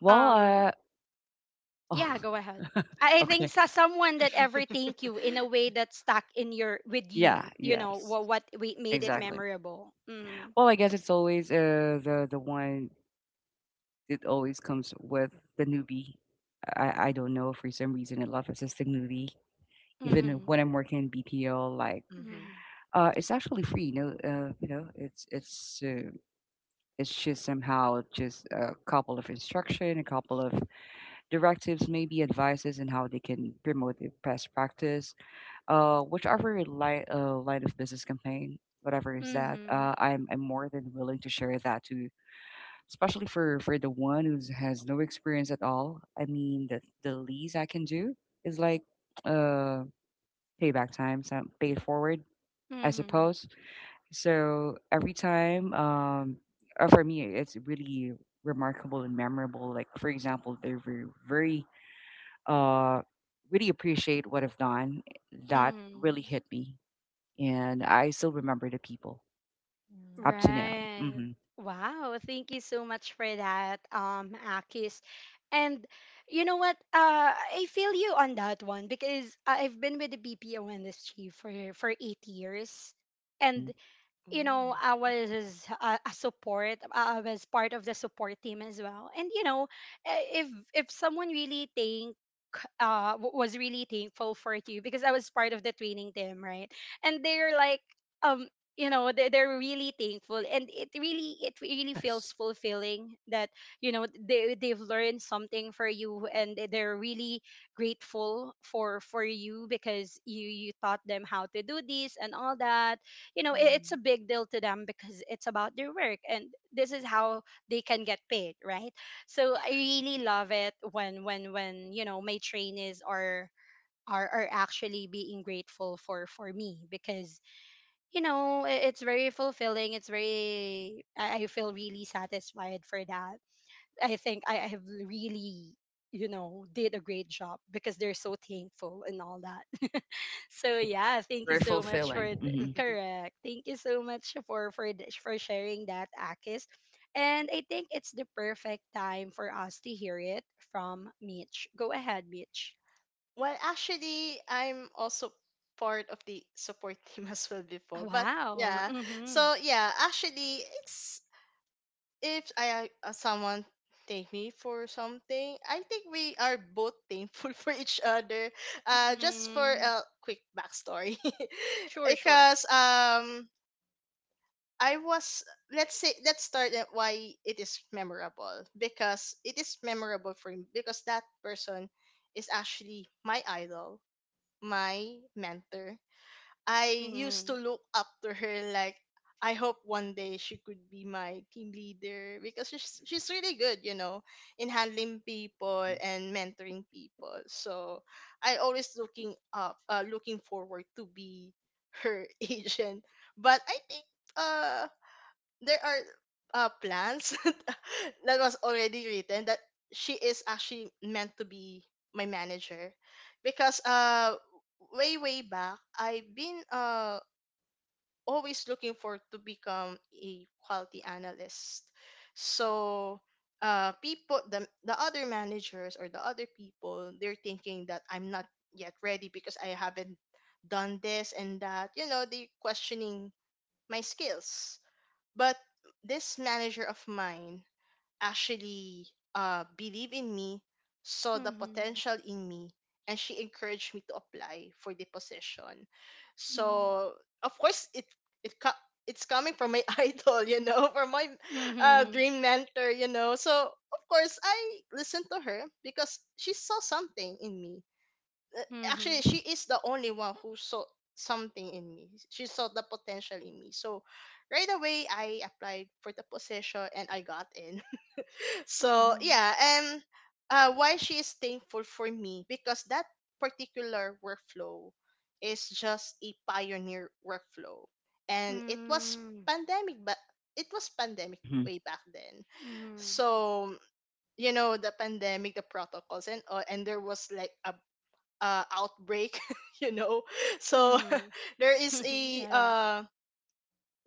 B: Well,
A: Um,
B: uh
A: yeah,
B: oh,
A: go ahead.
B: *laughs*
A: I I think
B: okay.
A: sa someone that ever thank you in a way that stuck in your with
B: Yeah,
A: you, you know,
B: yes.
A: what what we made it
B: Exactly.
A: memorable. Mhm.
B: Well, I guess it's always uh the the one it always comes with the newbie. I I don't know for some reason I love assisting newbie. Even
A: Mhm.
B: when I'm working in B P O, like
C: Mm-hmm.
A: Mhm.
B: uh it's actually free, you know, uh, you know, it's it's uh, it's just somehow just a couple of instruction, a couple of directives, maybe advices and how they can promote their best practice uh, whichever line, uh, line of business campaign, whatever is that,
A: Mhm.
B: uh, I'm I'm more than willing to share that to, especially for for the one who has no experience at all. I mean, the the least I can do is like uh payback time, some pay it forward, I
A: Mhm.
B: suppose. So every time, um, uh, for me, it's really remarkable and memorable. Like for example, they were very uh really appreciate what I've done. That really
A: Mhm.
B: hit me and I still remember the people
C: Mm.
B: up to now.
A: Right.
B: Hmm
A: Wow, thank you so much for that, um, Akis. And you know what? Uh, I feel you on that one because I've been with the B P O industry for for eight years,
B: hmm
A: and you know, I
C: Mm-hmm.
A: was his, uh, a support. I I was part of the support team as well. And you know, i- if if someone really think, uh w- was really thankful for you because I was part of the training team, right? And they're like, um, you know, they they're really thankful, and it really, it really
B: Yes.
A: feels fulfilling that, you know, they they've learned something for you, and they- they're really grateful for for you because you you taught them how to do this and all that. You know, it, it's a big deal to them because it's about their work, and this is how they can get paid, right? So
C: Yeah.
A: I really love it when when when, you know, my trainees are, are, are actually being grateful for for me because, you know, i- it's very fulfilling. It's very, i I feel really satisfied for that. I think I I have really, you know, did a great job because they're so thankful and all that. *laughs* So yeah, thank you
B: Very
A: so much
B: fulfilling.
A: for th-
B: Hmm
C: Mm-hmm. *laughs*
A: correct. Thank you so much for for th- for sharing that, Akis. And I think it's the perfect time for us to hear it from Mitch. Go ahead, Mitch.
C: Well, actually, I'm also part of the support *laughs* team as well before, but
A: Wow.
C: yeah.
A: Mm-hmm.
C: So yeah, actually, it's, if I, uh, someone thank me for something, I think we are both thankful *laughs* for each other. Uh, just for
A: Mm-hmm.
C: a quick backstory, *laughs*
A: Sure, sure.
C: because um I was, let's say let's start at why it is memorable, because it is memorable for me because that person is actually my idol, my mentor. I used
A: Mm-hmm.
C: to look up to her, like, I hope one day she could be my team leader, because she's she's really good, you know, in handling people
B: hmm
C: and mentoring people. So I always looking up uh, looking forward to be her *laughs* agent. But I think uh there are uh, plans *laughs* that was already written that she is actually meant to be my manager, because uh way way back, I've been uh always looking for to become a quality analyst. So uh people the the other managers or the other people, they're thinking that I'm not yet ready because I haven't done this and that. You know, they questioning my skills, but this manager of mine actually uh, believed in me, saw the
A: Mm-hmm.
C: potential in me, and she encouraged me to apply for the position. So of course it it co- it's coming from my *laughs* idol, you know, from my uh,
A: Mm-hmm.
C: dream mentor, you know. So of course I listened to her because she saw something in me, uh,
A: Mm-hmm. Mm-hmm.
C: actually she is the only one who saw something in me. She saw the potential in me, so right away I applied for the position and I got in. *laughs* So
A: Mm-hmm.
C: yeah. And uh, why she is thankful for me, because that particular workflow is just a pioneer workflow. And it was pandemic, but it was pandemic
B: hmm
C: way back then.
A: Mm-hmm.
C: So you know, the pandemic, the protocols and all, and there was like a uh, outbreak, *laughs* you know. So *laughs* there
A: Mm-hmm.
C: is
A: *laughs*
C: a
A: Yeah, yeah.
C: uh,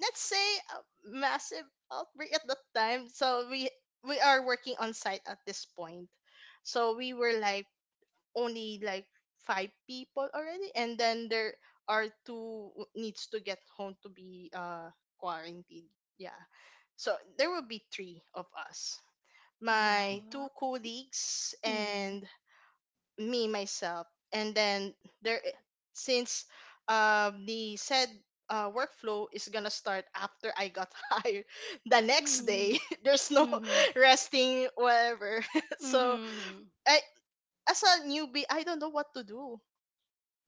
C: let's say a massive outbreak at that time. So we we are working on site at this point. So we were like only like five people already, and then there are two w- needs to get home to be uh quarantined. Yeah. So there will be three of us.
B: hmm
C: My
A: Wow.
C: two colleagues
A: Mm-hmm.
C: and me myself, and then there, since um the said uh, workflow is gonna start after I got *laughs* hired the next
A: Mm-hmm.
C: day. *laughs* There's no
A: Mm-hmm.
C: *laughs* resting whatever. *laughs* So
A: Mm-hmm.
C: I, as a newbie, I don't know what to do,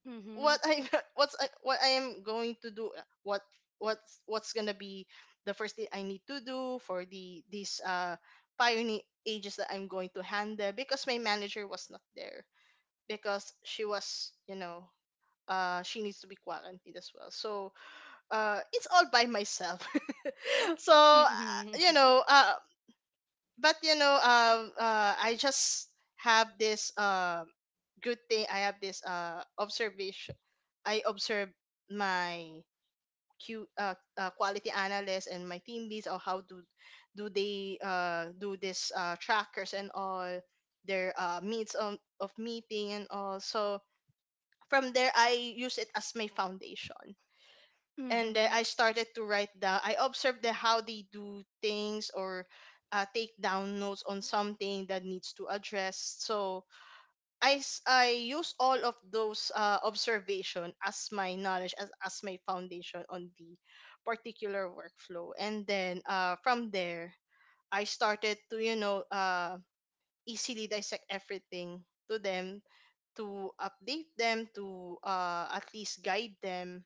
A: Mm-hmm.
C: what I *laughs* what's I, what I am going to do, uh, what what's what's gonna be the first thing I need to do for the these uh pioneer ages that I'm going to handle, because my manager was not there because she was, you know, uh, she needs to be quarantined as well. So uh, it's all by myself. *laughs* so uh, you
A: Mm-hmm.
C: know, uh, but you know, um, uh, I just have this uh, good thing. I have this uh, observation. I observe my Q, uh, uh, quality analysts and my team leads, or how do do they uh, do this uh, trackers and all their uh, meets on of meeting and all. So from there I use it as my foundation. And then
A: Mm-hmm.
C: I started to write down. I observed the, how they do things, or uh, take down notes on something that needs to address. So I s- I use all of those uh, observation as my knowledge, as as my foundation on the particular workflow. And then uh, from there I started to, you know, uh, easily dissect everything to them, to update them, to, uh, at least guide them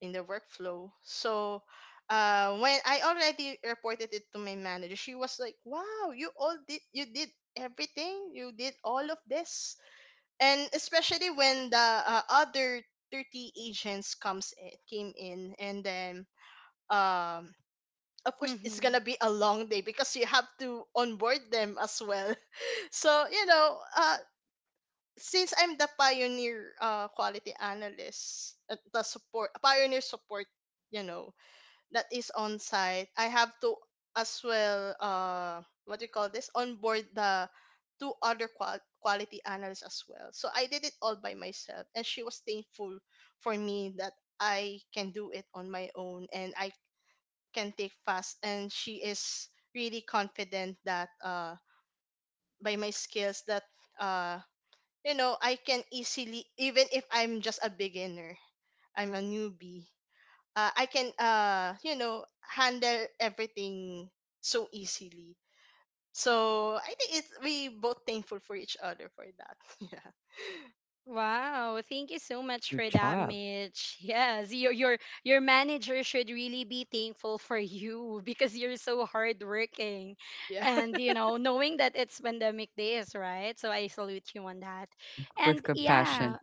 C: in the workflow. So uh, when I already reported it to my manager, she was like, "Wow, you all did you did everything, you did all of this." And especially when the uh, other thirty agents comes in, came in, and then um. Of course, it's
A: Mm-hmm.
C: gonna be a long day because you have to onboard them as well. *laughs* So you know, uh, since I'm the pioneer uh, quality analyst, uh, the support pioneer support, you know, that is on site, I have to as well, uh what do you call this, onboard the two other qual- quality analysts as well. So I did it all by myself, and she was thankful for me that I can do it on my own, and I can take fast. And she is really confident that uh by my skills that uh you know, I can easily, even if I'm just a beginner, I'm a newbie, uh, I can, uh, you know, handle everything so easily. So I think it's we both thankful for each other for that. *laughs*
A: Wow, thank you so much
B: Good
A: for that,
B: job.
A: Mitch. *laughs* Yes, your your your manager should really be thankful for you *laughs* because you're so hardworking.
C: Yeah. Yeah.
A: And you know, knowing that it's pandemic days, right? So I salute you on that.
B: Hmm With
A: And
B: compassion.
A: yeah,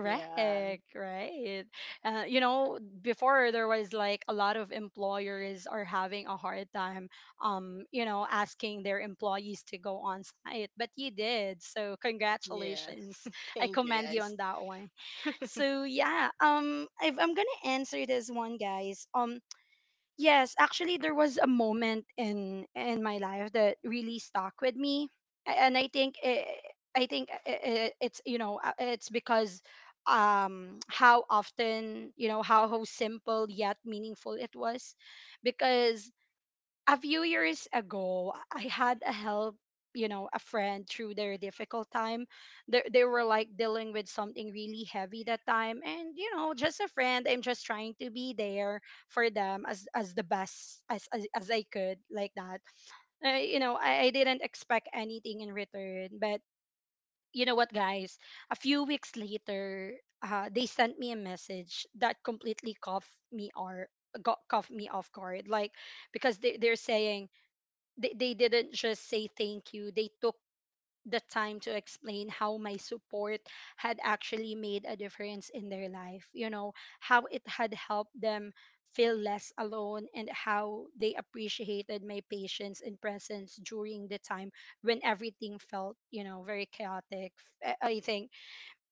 C: *laughs* Yeah.
A: right? Uh, you know, before there was like a lot of employers are having a hard time, um, you know, asking their employees to go on site, but you did. So
C: Yeah.
A: congratulations,
C: *laughs*
A: I
C: Thank you
A: commend you
C: guys.
A: on that one.
C: *laughs*
A: So yeah, um, I've, I'm gonna answer this one, guys. Um, yes, actually, there was a moment in in my life that really stuck with me. A- and I think it, I think i i- it's, you know, uh, it's because, um how often, you know, how how simple yet meaningful it was. Because a few years ago, I had a help, you know, a friend through their difficult time. They, they were like dealing with something really heavy that time. And, you know, just a friend, I'm just trying to be there for them as, as the best as, as, as I could, like that. Uh, you know, I, I didn't expect anything in return. But you know what, guys? A few weeks later, uh, they sent me a message that completely cough me or got cough me off guard, like, because they, they're saying they, they didn't just say thank you. They took the time to explain how my support had actually made a difference in their life, you know, how it had helped them feel less alone, and how they appreciated my patience and presence during the time when everything felt, you know, very chaotic. F- i I think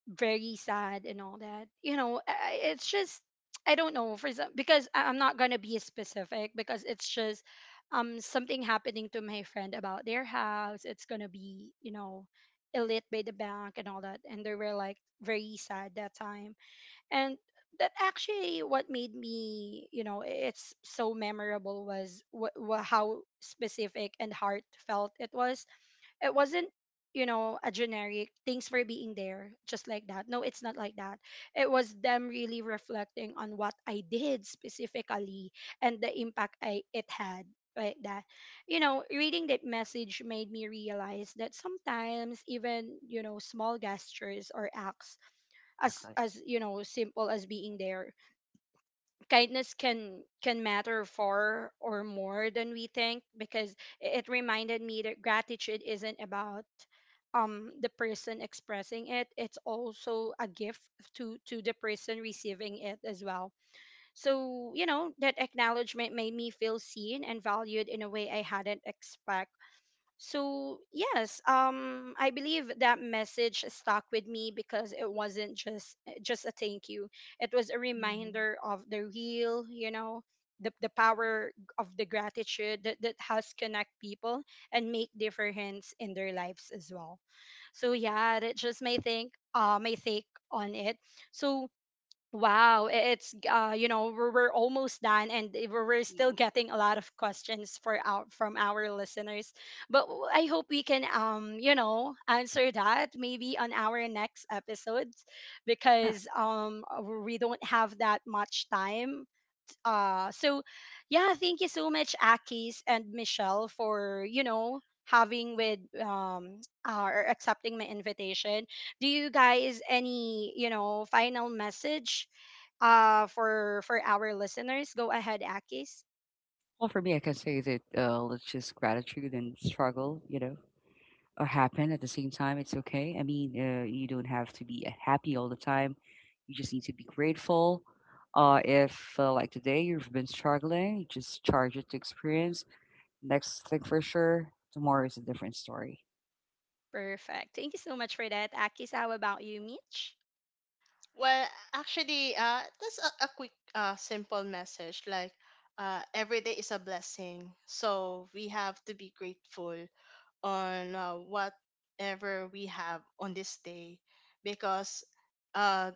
A: very sad and all that. You know, I- I- it's just, I don't know, for some because I- I'm not gonna be specific because it's just, um something happening to my friend about their house. It's gonna be, you know, elite by the bank and all that, and they were like very sad that time. And that actually what made me, you know, i- it's so memorable was wh- wh- how specific and heartfelt it was. It wasn't, you know, a generic thanks for being there, just like that. No, it's not like that. It was them really reflecting on what I did specifically and the impact I it had, like that. You know, reading that message made me realize that sometimes even, you know, small gestures or acts as,
B: Exactly.
A: as you know, simple as being there, kindness can can matter far or more than we think. Because i- it reminded me that gratitude isn't about, um the person expressing it. It's also a gift to to the person receiving it as well. So you know, that acknowledgement made me feel seen and valued in a way I hadn't expect. So, yes, um, I believe that message stuck with me because it wasn't just eh, just a thank you. It was a
C: Mhm.
A: reminder of the real, you know, the, the power of the gratitude that, that has connect people and make difference in their lives as well. So yeah, that's just my think uh my take on it. So, wow, i- it's uh, you know, we're, we're almost done, and i- we're we're still
C: Mm.
A: getting a lot of questions for our from our listeners. But w- I hope we can, um you know, answer that maybe on our next episodes
B: Yeah.
A: because, um uh, we don't have that much time. Uh, so yeah, thank you so much, Akis and Michelle, for, you know, having with, um uh, or accepting my invitation. Do you guys any, you know, final message, uh for for our listeners. Go ahead, Akis.
B: Well, for me, I can say that uh, let's just gratitude and struggle, you know, uh, happen at the same time. It's okay. I mean, uh, you don't have to be uh, happy all the time. You just need to be grateful. Uh, if uh, like today you've been struggling, just charge it to experience. Next thing for sure, tomorrow is a different story.
A: Perfect. Thank you so much for that, Akis. How about you, Mitch?
C: Well, actually, uh, that's a, a quick, uh, simple message. Like, uh, every day is a blessing, so we have to be grateful on uh, whatever we have on this day, because uh,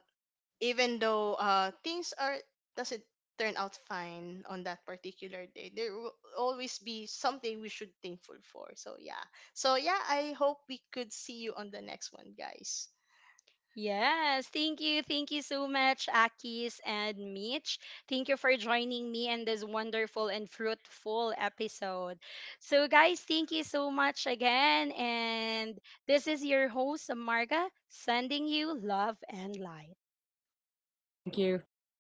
C: even though uh, things are doesn't turn out fine on that particular day, there will always be something we should thankful for. So yeah, so yeah, I hope we could see you on the next one, guys.
A: Yes, thank you. Thank you so much, Akis and Mitch. Thank you for joining me in this wonderful and fruitful episode. So, guys, thank you so much again. And this is your host, Marga, sending you love and light.
B: Thank you.